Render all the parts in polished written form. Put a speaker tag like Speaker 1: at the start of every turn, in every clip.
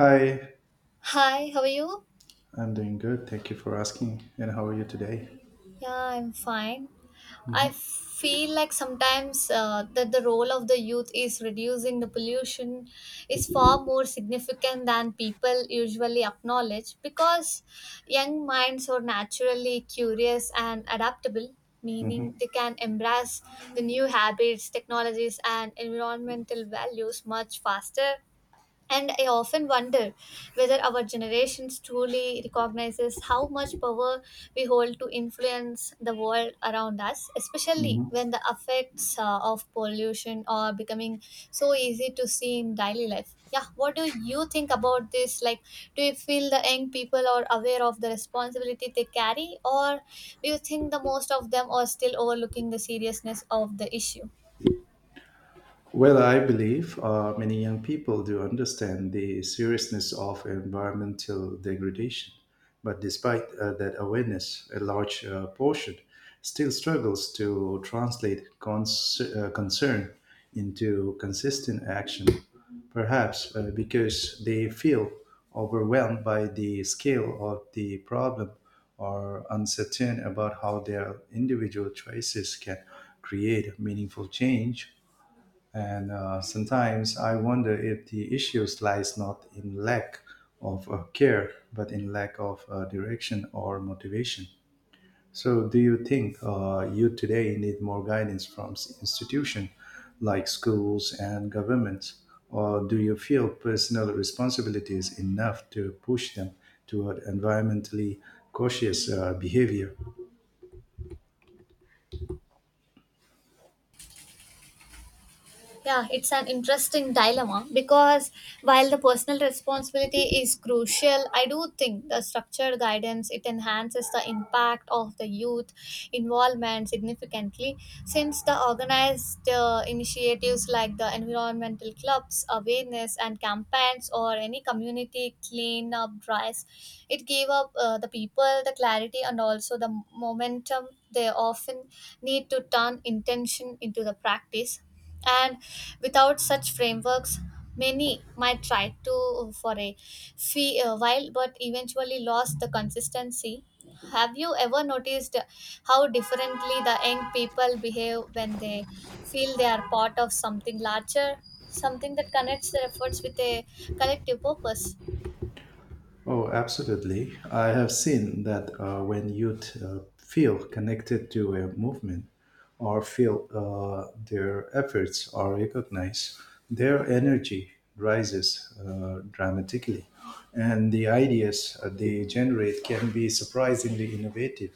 Speaker 1: Hi,
Speaker 2: Hi, how are you?
Speaker 1: I'm doing good. Thank you for asking. And how are you today?
Speaker 2: Yeah, I'm fine. I feel like sometimes that the role of the youth is reducing the pollution is far more significant than people usually acknowledge because young minds are naturally curious and adaptable, meaning
Speaker 1: Mm-hmm.
Speaker 2: they can embrace the new habits, technologies, and environmental values much faster. And I often wonder whether our generations truly recognizes how much power we hold to influence the world around us, especially
Speaker 1: Mm-hmm.
Speaker 2: when the effects of pollution are becoming so easy to see in daily life. Yeah, what do you think about this? Like, do you feel the young people are aware of the responsibility they carry, or do you think the most of them are still overlooking the seriousness of the issue?
Speaker 1: Well, I believe many young people do understand the seriousness of environmental degradation. But despite that awareness, a large portion still struggles to translate concern into consistent action, perhaps because they feel overwhelmed by the scale of the problem or uncertain about how their individual choices can create meaningful change, and sometimes I wonder if the issues lies not in lack of care, but in lack of direction or motivation. So, do you think you today need more guidance from institutions like schools and governments, or do you feel personal responsibility is enough to push them toward environmentally cautious behavior?
Speaker 2: Yeah, it's an interesting dilemma because while the personal responsibility is crucial, I do think the structured guidance it enhances the impact of the youth involvement significantly since the organized initiatives like the environmental clubs, awareness and campaigns or any community cleanup drives, it gave up the people the clarity and also the momentum they often need to turn intention into the practice and without such frameworks, many might try to for a fee, a while but eventually lost the consistency. Have you ever noticed how differently the young people behave when they feel they are part of something larger, something that connects their efforts with a collective purpose?
Speaker 1: Oh, absolutely. I have seen that when youth feel connected to a movement or feel their efforts are recognized, their energy rises dramatically, and the ideas they generate can be surprisingly innovative,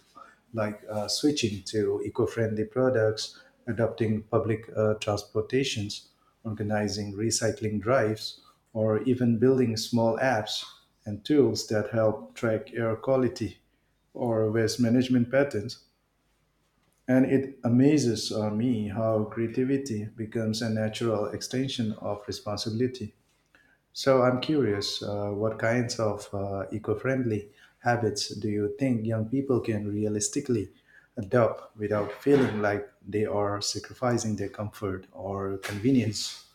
Speaker 1: like switching to eco-friendly products, adopting public transportations, organizing recycling drives, or even building small apps and tools that help track air quality or waste management patterns. And it amazes me how creativity becomes a natural extension of responsibility. So I'm curious, what kinds of eco-friendly habits do you think young people can realistically adopt without feeling like they are sacrificing their comfort or convenience?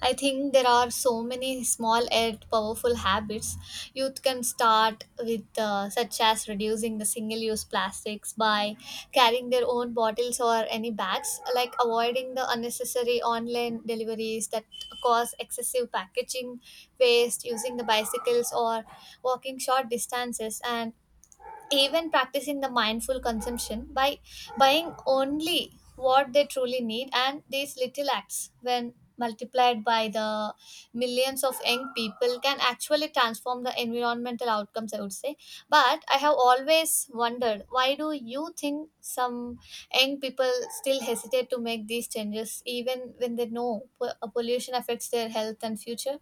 Speaker 2: I think there are so many small yet powerful habits youth can start with, such as reducing the single use plastics by carrying their own bottles or any bags, like avoiding the unnecessary online deliveries that cause excessive packaging waste, using the bicycles or walking short distances, and even practicing the mindful consumption by buying only what they truly need, and these little acts when multiplied by the millions of young people can actually transform the environmental outcomes, I would say. But I have always wondered, why do you think some young people still hesitate to make these changes even when they know pollution affects their health and future?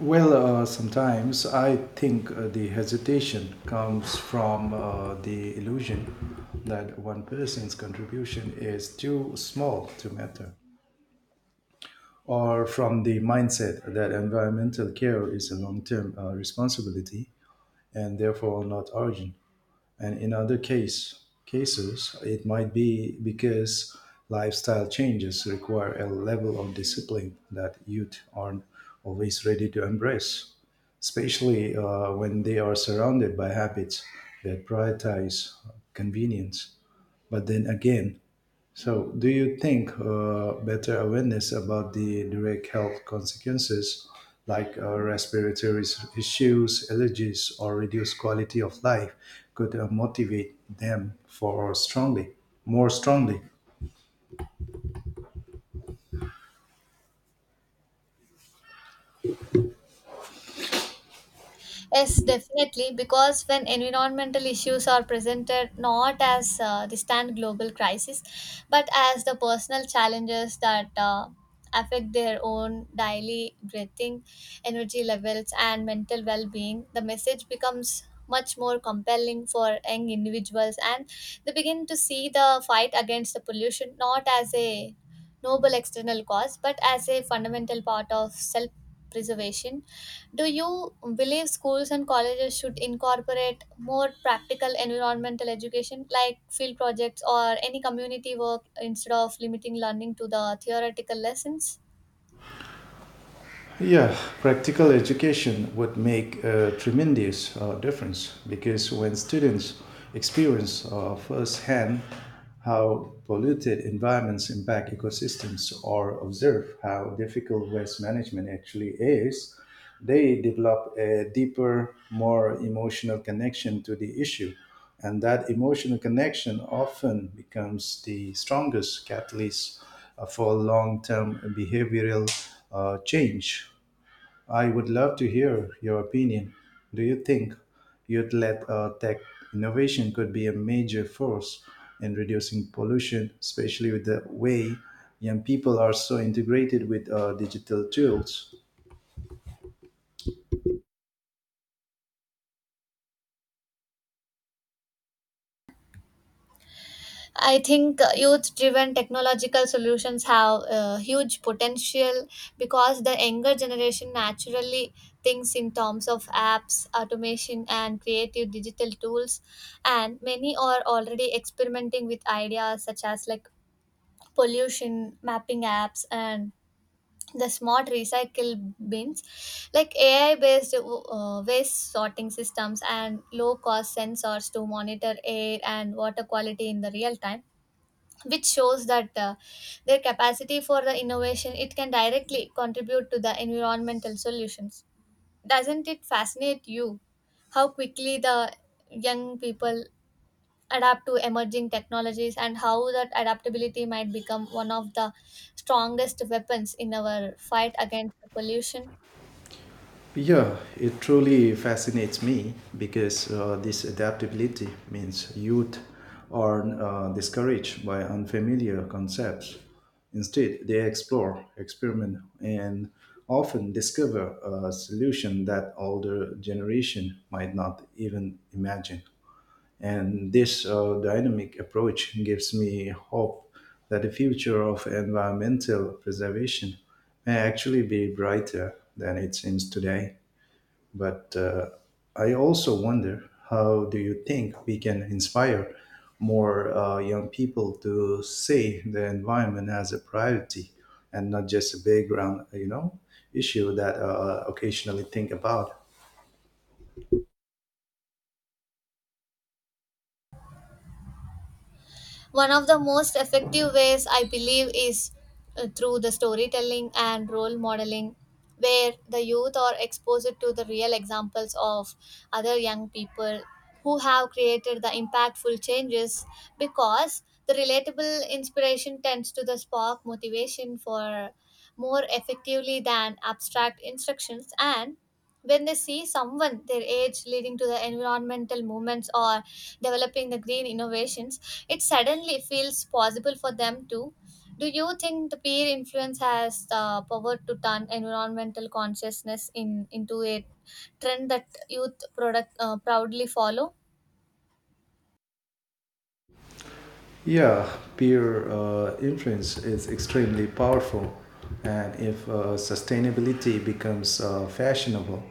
Speaker 1: Well, sometimes I think the hesitation comes from the illusion that one person's contribution is too small to matter, or from the mindset that environmental care is a long term responsibility and therefore not origin. And in other case cases, it might be because lifestyle changes require a level of discipline that youth aren't always ready to embrace, especially when they are surrounded by habits that prioritize convenience. But then again, so, do you think better awareness about the direct health consequences, like respiratory issues, allergies, or reduced quality of life, could motivate them for strongly, more strongly?
Speaker 2: Yes, definitely. Because when environmental issues are presented not as distant global crisis, but as the personal challenges that affect their own daily breathing, energy levels, and mental well being, the message becomes much more compelling for young individuals and they begin to see the fight against the pollution not as a noble external cause but as a fundamental part of self preservation. Do you believe schools and colleges should incorporate more practical environmental education, like field projects or any community work, instead of limiting learning to the theoretical lessons?
Speaker 1: Yeah, practical education would make a tremendous difference, because when students experience firsthand how polluted environments impact ecosystems or observe how difficult waste management actually is, they develop a deeper, more emotional connection to the issue. And that emotional connection often becomes the strongest catalyst for long term behavioral change. I would love to hear your opinion. Do you think you'd let tech innovation could be a major force in reducing pollution, especially with the way young people are so integrated with digital tools?
Speaker 2: I think youth driven technological solutions have huge potential because the younger generation naturally thinks in terms of apps, automation, and creative digital tools, and many are already experimenting with ideas such as like pollution mapping apps and the smart recycle bins, like AI based waste sorting systems and low cost sensors to monitor air and water quality in the real time, which shows that their capacity for the innovation it can directly contribute to the environmental solutions. Doesn't it fascinate you how quickly the young people adapt to emerging technologies and how that adaptability might become one of the strongest weapons in our fight against pollution?
Speaker 1: Yeah, it truly fascinates me because this adaptability means youth are discouraged by unfamiliar concepts. Instead, they explore, experiment, and often discover a solution that older generation might not even imagine. And this dynamic approach gives me hope that the future of environmental preservation may actually be brighter than it seems today. But I also wonder how do you think we can inspire more young people to see the environment as a priority and not just a background, you know, issue that occasionally think about.
Speaker 2: One of the most effective ways, I believe, is through the storytelling and role modeling, where the youth are exposed to the real examples of other young people who have created the impactful changes, because the relatable inspiration tends to the spark motivation for more effectively than abstract instructions, and when they see someone their age leading to the environmental movements or developing the green innovations it suddenly feels possible for them too. Do you think the peer influence has the power to turn environmental consciousness in into a trend that youth product proudly follow?
Speaker 1: Yeah, peer influence is extremely powerful. And if sustainability becomes fashionable,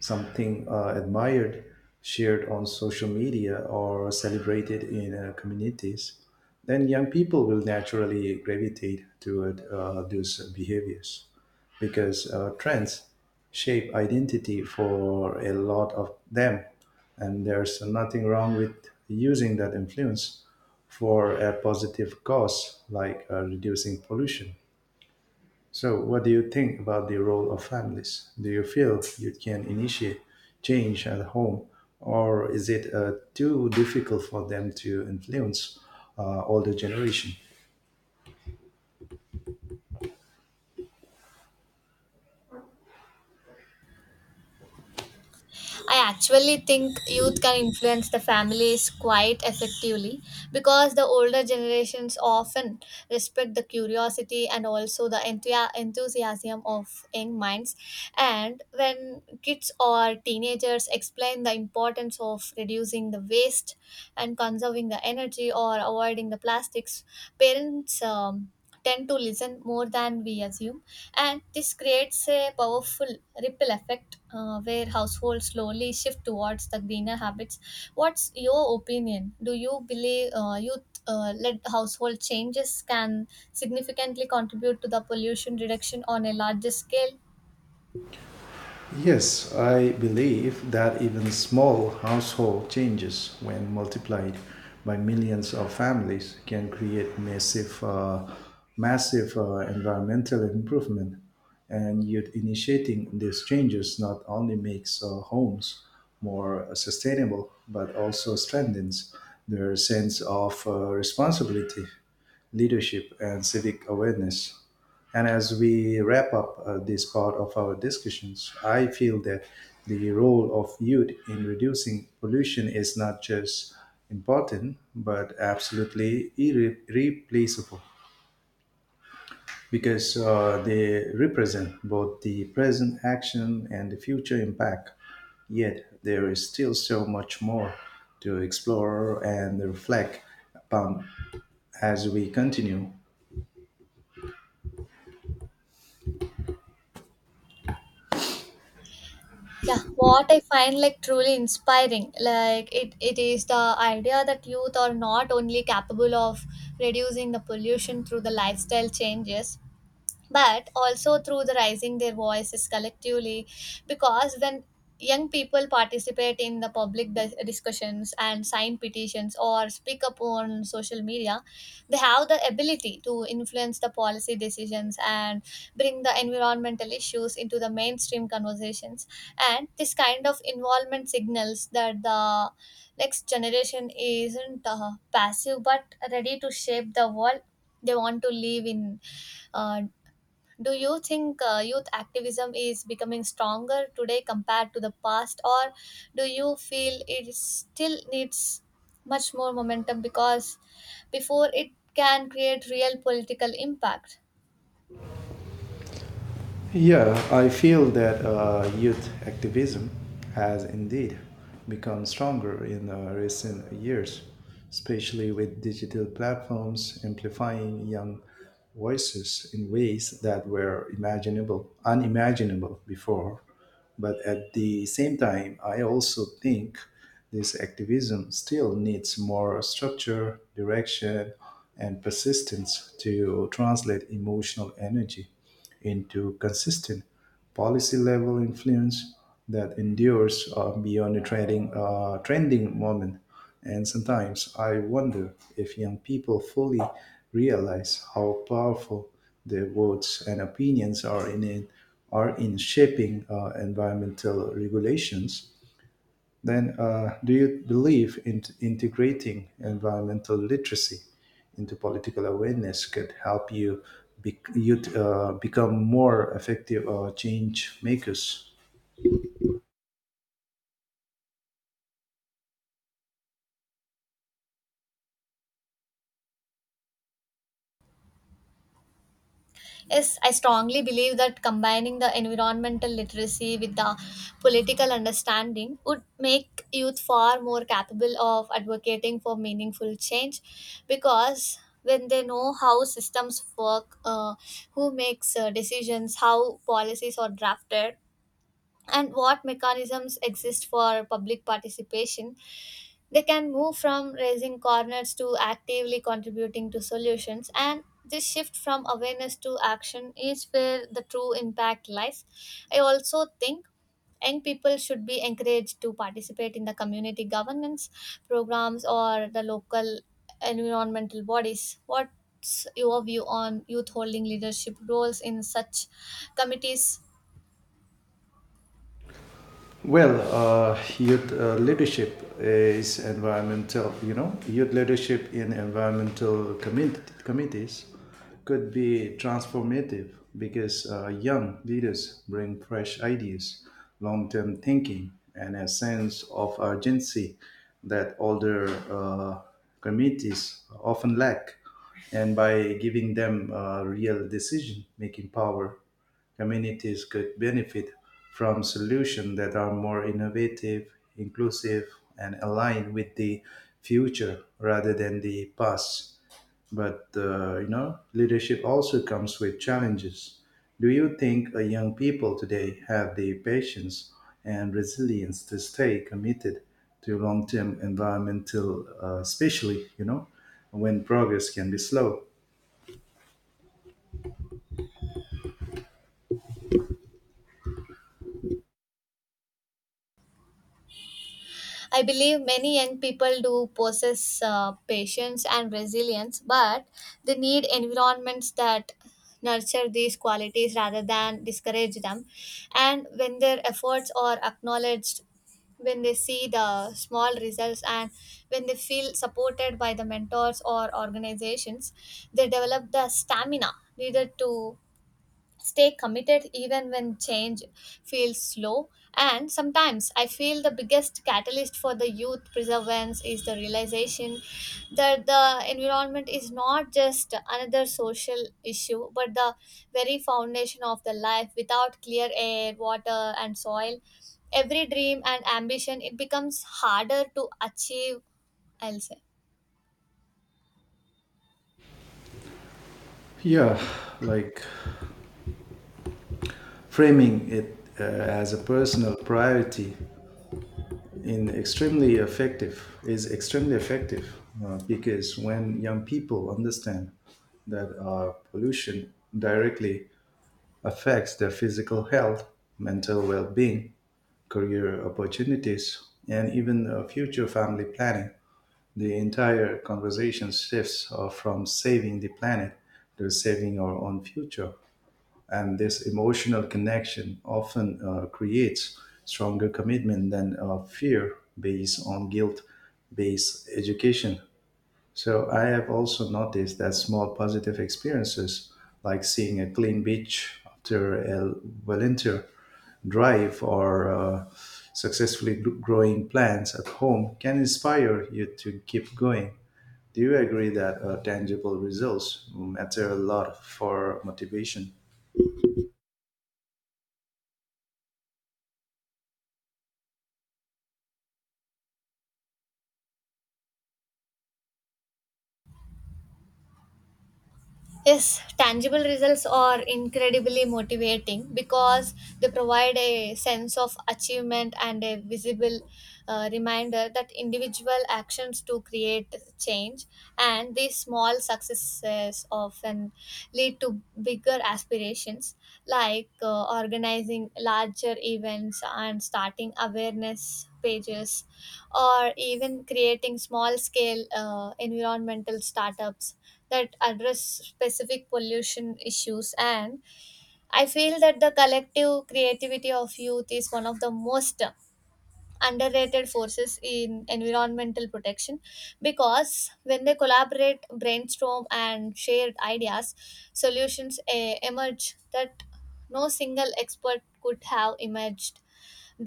Speaker 1: something admired, shared on social media, or celebrated in communities, then young people will naturally gravitate toward those behaviors, because trends shape identity for a lot of them, and there's nothing wrong with using that influence for a positive cause like reducing pollution. So, what do you think about the role of families? Do you feel you can initiate change at home, or is it too difficult for them to influence older generation?
Speaker 2: I actually think youth can influence the families quite effectively because the older generations often respect the curiosity and also the enthusiasm of young minds. And when kids or teenagers explain the importance of reducing the waste and conserving the energy or avoiding the plastics, parents tend to listen more than we assume, and this creates a powerful ripple effect where households slowly shift towards the greener habits. What's your opinion? Do you believe youth led household changes can significantly contribute to the pollution reduction on a larger scale?
Speaker 1: Yes, I believe that even small household changes, when multiplied by millions of families, can create massive, environmental improvement. And youth initiating these changes not only makes homes more sustainable, but also strengthens their sense of responsibility, leadership, and civic awareness. And as we wrap up this part of our discussions, I feel that the role of youth in reducing pollution is not just important, but absolutely irreplaceable, because they represent both the present action and the future impact. Yet there is still so much more to explore and reflect upon as we continue.
Speaker 2: Yeah, what I find like truly inspiring, like it is the idea that youth are not only capable of reducing the pollution through the lifestyle changes but also through the rising their voices collectively, because when young people participate in the public discussions and sign petitions or speak up on social media they have the ability to influence the policy decisions and bring the environmental issues into the mainstream conversations, and this kind of involvement signals that the next generation isn't passive but ready to shape the world they want to live in. uh, do you think youth activism is becoming stronger today compared to the past, or do you feel it still needs much more momentum because before it can create real political impact?
Speaker 1: Yeah, I feel that youth activism has indeed become stronger in recent years, especially with digital platforms amplifying young voices in ways that were imaginable, unimaginable before. But at the same time, I also think this activism still needs more structure, direction, and persistence to translate emotional energy into consistent policy level influence that endures beyond a trending moment. And sometimes I wonder if young people fully realize how powerful their votes and opinions are are in shaping environmental regulations. Then, do you believe in integrating environmental literacy into political awareness could help you, bec you become more effective change makers?
Speaker 2: Yes, I strongly believe that combining the environmental literacy with the political understanding would make youth far more capable of advocating for meaningful change, because when they know how systems work, who makes decisions, how policies are drafted, and what mechanisms exist for public participation, they can move from raising corners to actively contributing to solutions, and this shift from awareness to action is where the true impact lies. I also think young people should be encouraged to participate in the community governance programs or the local environmental bodies. What's your view on youth holding leadership roles in such committees?
Speaker 1: Well, youth leadership in environmental community, committees could be transformative, because young leaders bring fresh ideas, long term thinking, and a sense of urgency that older committees often lack. And by giving them real decision making power, communities could benefit from solutions that are more innovative, inclusive, and aligned with the future rather than the past. But you know, leadership also comes with challenges. Do you think young people today have the patience and resilience to stay committed to long-term environmental, especially you know, when progress can be slow?
Speaker 2: I believe many young people do possess patience and resilience, but they need environments that nurture these qualities rather than discourage them. And when their efforts are acknowledged, when they see the small results and when they feel supported by the mentors or organizations they develop the stamina needed to stay committed even when change feels slow. And sometimes I feel the biggest catalyst for the youth perseverance is the realization that the environment is not just another social issue but the very foundation of the life. Without clear air, water and soil every dream and ambition it becomes harder to achieve, I'll say.
Speaker 1: Yeah, like framing it as a personal priority in extremely effective is extremely effective, because when young people understand that pollution directly affects their physical health, mental well-being, career opportunities, and even future family planning, the entire conversation shifts from saving the planet to saving our own future. And this emotional connection often creates stronger commitment than fear based on guilt based education. So I have also noticed that small positive experiences, like seeing a clean beach after a volunteer drive or successfully growing plants at home can inspire you to keep going. Do you agree that tangible results matter a lot for motivation?
Speaker 2: Yes, tangible results are incredibly motivating because they provide a sense of achievement and a visible reminder that individual actions to create change, and these small successes often lead to bigger aspirations like organizing larger events and starting awareness pages or even creating small scale environmental startups that address specific pollution issues. And I feel that the collective creativity of youth is one of the most underrated forces in environmental protection because when they collaborate brainstorm and share ideas solutions emerge that no single expert could have imagined.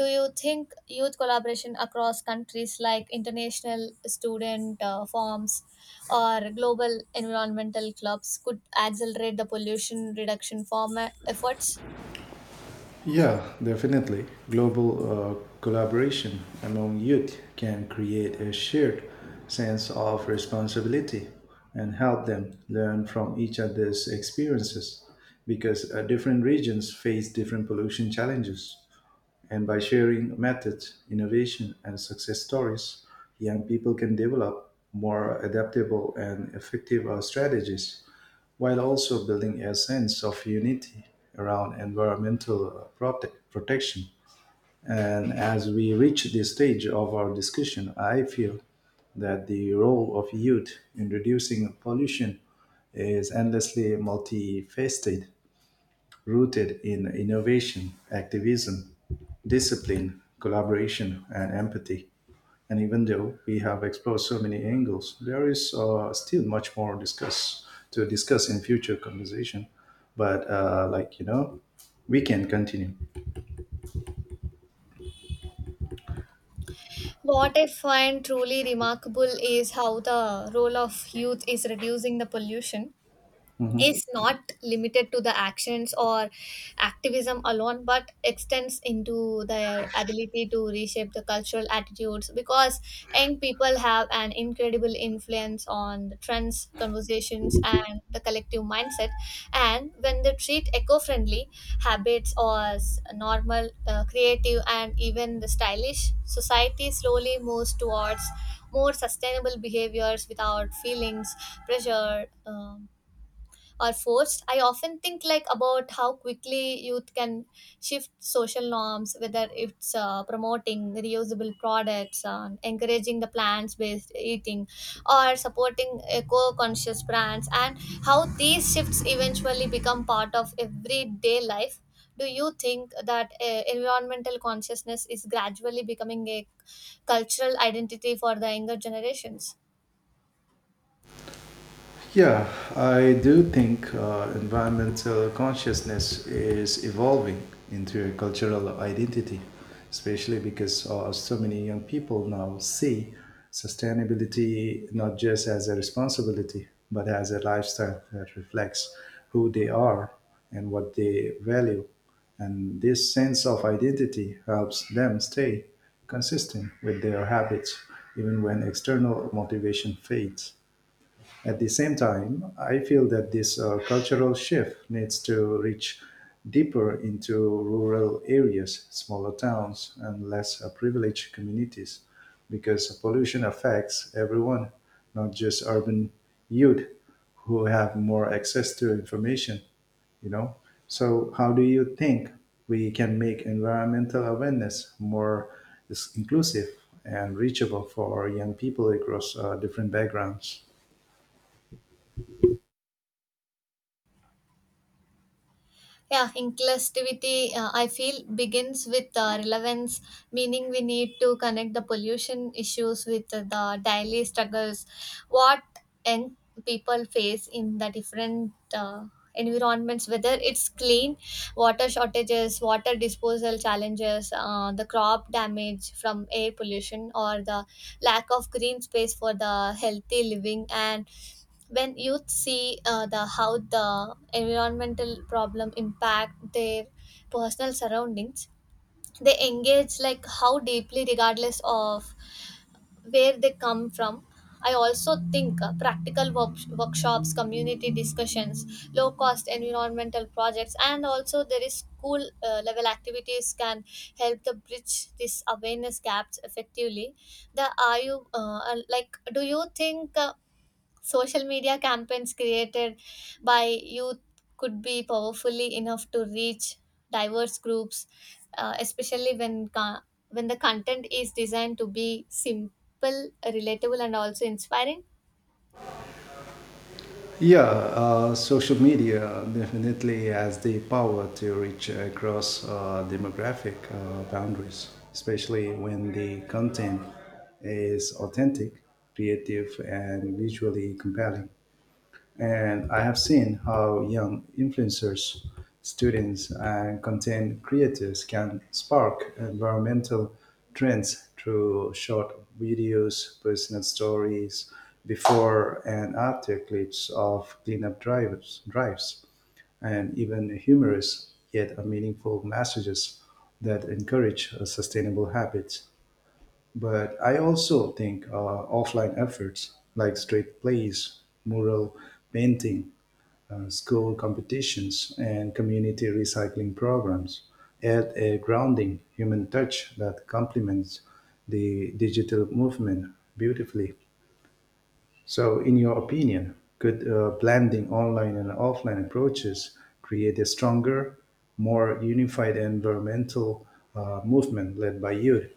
Speaker 2: Do you think youth collaboration across countries, like international student forms or global environmental clubs, could accelerate the pollution reduction efforts?
Speaker 1: Yeah, definitely. Global collaboration among youth can create a shared sense of responsibility and help them learn from each other's experiences, because different regions face different pollution challenges. And by sharing methods, innovation, and success stories, young people can develop more adaptable and effective strategies while also building a sense of unity around environmental protection. And as we reach this stage of our discussion, I feel that the role of youth in reducing pollution is endlessly multifaceted, rooted in innovation, activism, discipline, collaboration, and empathy. And even though we have explored so many angles, there is still much more discuss in future conversation. But like you know, we can continue.
Speaker 2: What I find truly remarkable is how the role of youth is reducing the pollution
Speaker 1: Mhm.
Speaker 2: is not limited to the actions or activism alone but extends into their ability to reshape the cultural attitudes, because young people have an incredible influence on the trends conversations and the collective mindset, and when they treat eco-friendly habits as normal, creative and even the stylish, society slowly moves towards more sustainable behaviors without feelings pressure or forced. I often think like about how quickly youth can shift social norms, whether it's promoting reusable products and encouraging the plant based eating or supporting eco conscious brands, and how these shifts eventually become part of everyday life. Do you think that environmental consciousness is gradually becoming a cultural identity for the younger generations?
Speaker 1: Yeah, I do think environmental consciousness is evolving into a cultural identity, especially because so many young people now see sustainability not just as a responsibility, but as a lifestyle that reflects who they are and what they value. And this sense of identity helps them stay consistent with their habits, even when external motivation fades. At the same time, I feel that this cultural shift needs to reach deeper into rural areas, smaller towns, and less privileged communities, because pollution affects everyone, not just urban youth who have more access to information, you know. So how do you think we can make environmental awareness more inclusive and reachable for young people across different backgrounds?
Speaker 2: Yeah, inclusivity, I feel, begins with relevance, meaning we need to connect the pollution issues with the daily struggles, what young people face in the different environments, whether it's clean water shortages, water disposal challenges, the crop damage from air pollution, or the lack of green space for the healthy living. And when youth see the how the environmental problem impact their personal surroundings they engage like how deeply regardless of where they come from. I also think practical workshops, community discussions, low cost environmental projects, and also there is school level activities can help to bridge this awareness gaps effectively. The Are you like, do you think social media campaigns created by youth could be powerfully enough to reach diverse groups, especially when when the content is designed to be simple, relatable, and also inspiring?
Speaker 1: Yeah, social media definitely has the power to reach across demographic boundaries, especially when the content is authentic, creative, and visually compelling. And I have seen how young influencers, students, and content creators can spark environmental trends through short videos, personal stories, before and after clips of cleanup drives, and even humorous yet meaningful messages that encourage sustainable habits. But I also think offline efforts like street plays, mural painting, school competitions, and community recycling programs add a grounding human touch that complements the digital movement beautifully. So, in your opinion, could blending online and offline approaches create a stronger, more unified environmental movement led by youth?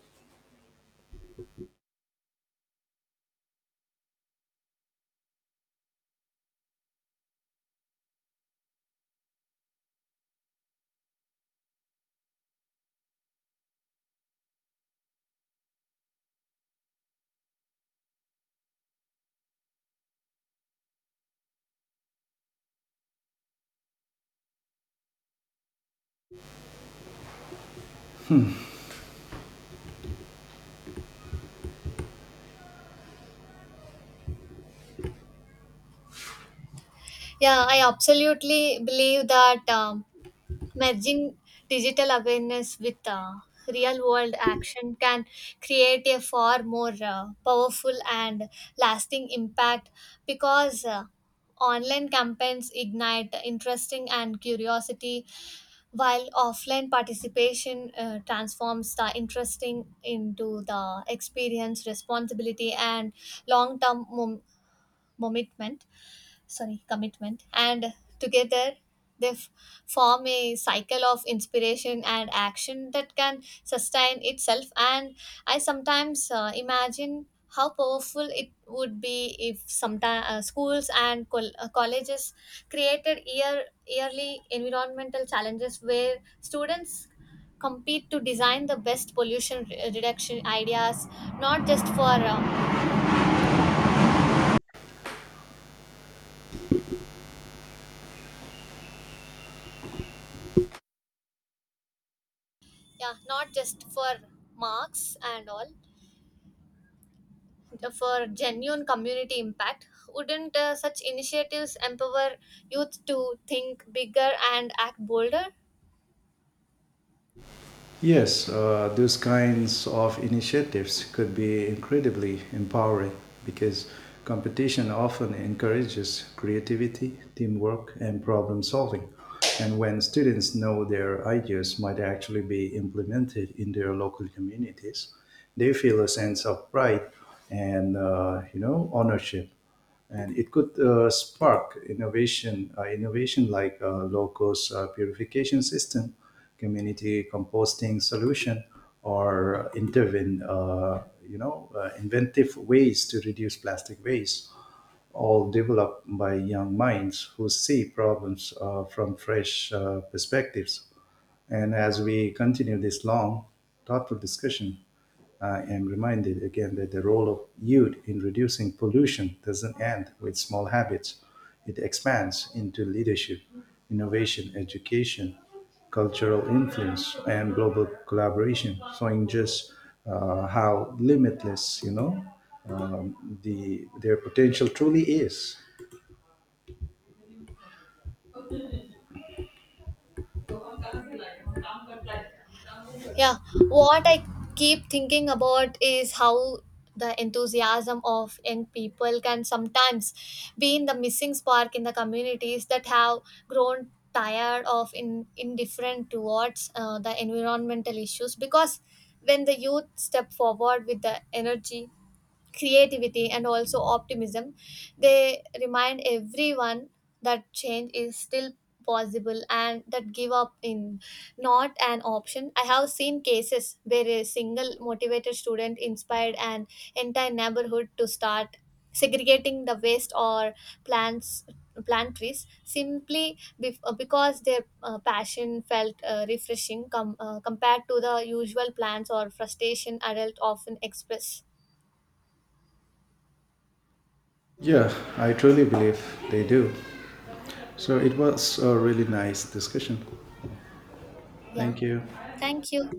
Speaker 2: Yeah, I absolutely believe that. Merging digital awareness with real world action can create a far more powerful and lasting impact, because online campaigns ignite interesting and curiosity while offline participation transforms the interesting into the experience responsibility and long term mom- commitment, sorry commitment, and together they f- form a cycle of inspiration and action that can sustain itself. And I sometimes imagine how powerful it would be if sometimes schools and colleges created yearly environmental challenges where students compete to design the best pollution reduction ideas, not just for yeah not just for marks and all, for genuine community impact. Wouldn't such initiatives empower youth to think bigger and act bolder?
Speaker 1: Yes, those kinds of initiatives could be incredibly empowering, because competition often encourages creativity, teamwork, and problem solving. And when students know their ideas might actually be implemented in their local communities, they feel a sense of pride and you know ownership, and it could innovation like low-cost purification system, community composting solution, or you know, inventive ways to reduce plastic waste, all developed by young minds who see problems from fresh perspectives. And as we continue this long, thoughtful discussion, I am reminded again that the role of youth in reducing pollution doesn't end with small habits. It expands into leadership, innovation, education, cultural influence, and global collaboration, showing just how limitless, you know, the their potential truly is.
Speaker 2: Yeah, what I keep thinking about is how the enthusiasm of young people can sometimes be in the missing spark in the communities that have grown tired of in indifferent towards the environmental issues, because when the youth step forward with the energy creativity and also optimism they remind everyone that change is still possible and that give up in not an option. I have seen cases where a single motivated student inspired an entire neighborhood to start segregating the waste or plants plant trees simply because their passion felt refreshing compared to the usual plans or frustration adults often express.
Speaker 1: Yeah, I truly believe they do. So it was a really nice discussion.
Speaker 2: Yeah.
Speaker 1: Thank you.
Speaker 2: Thank you.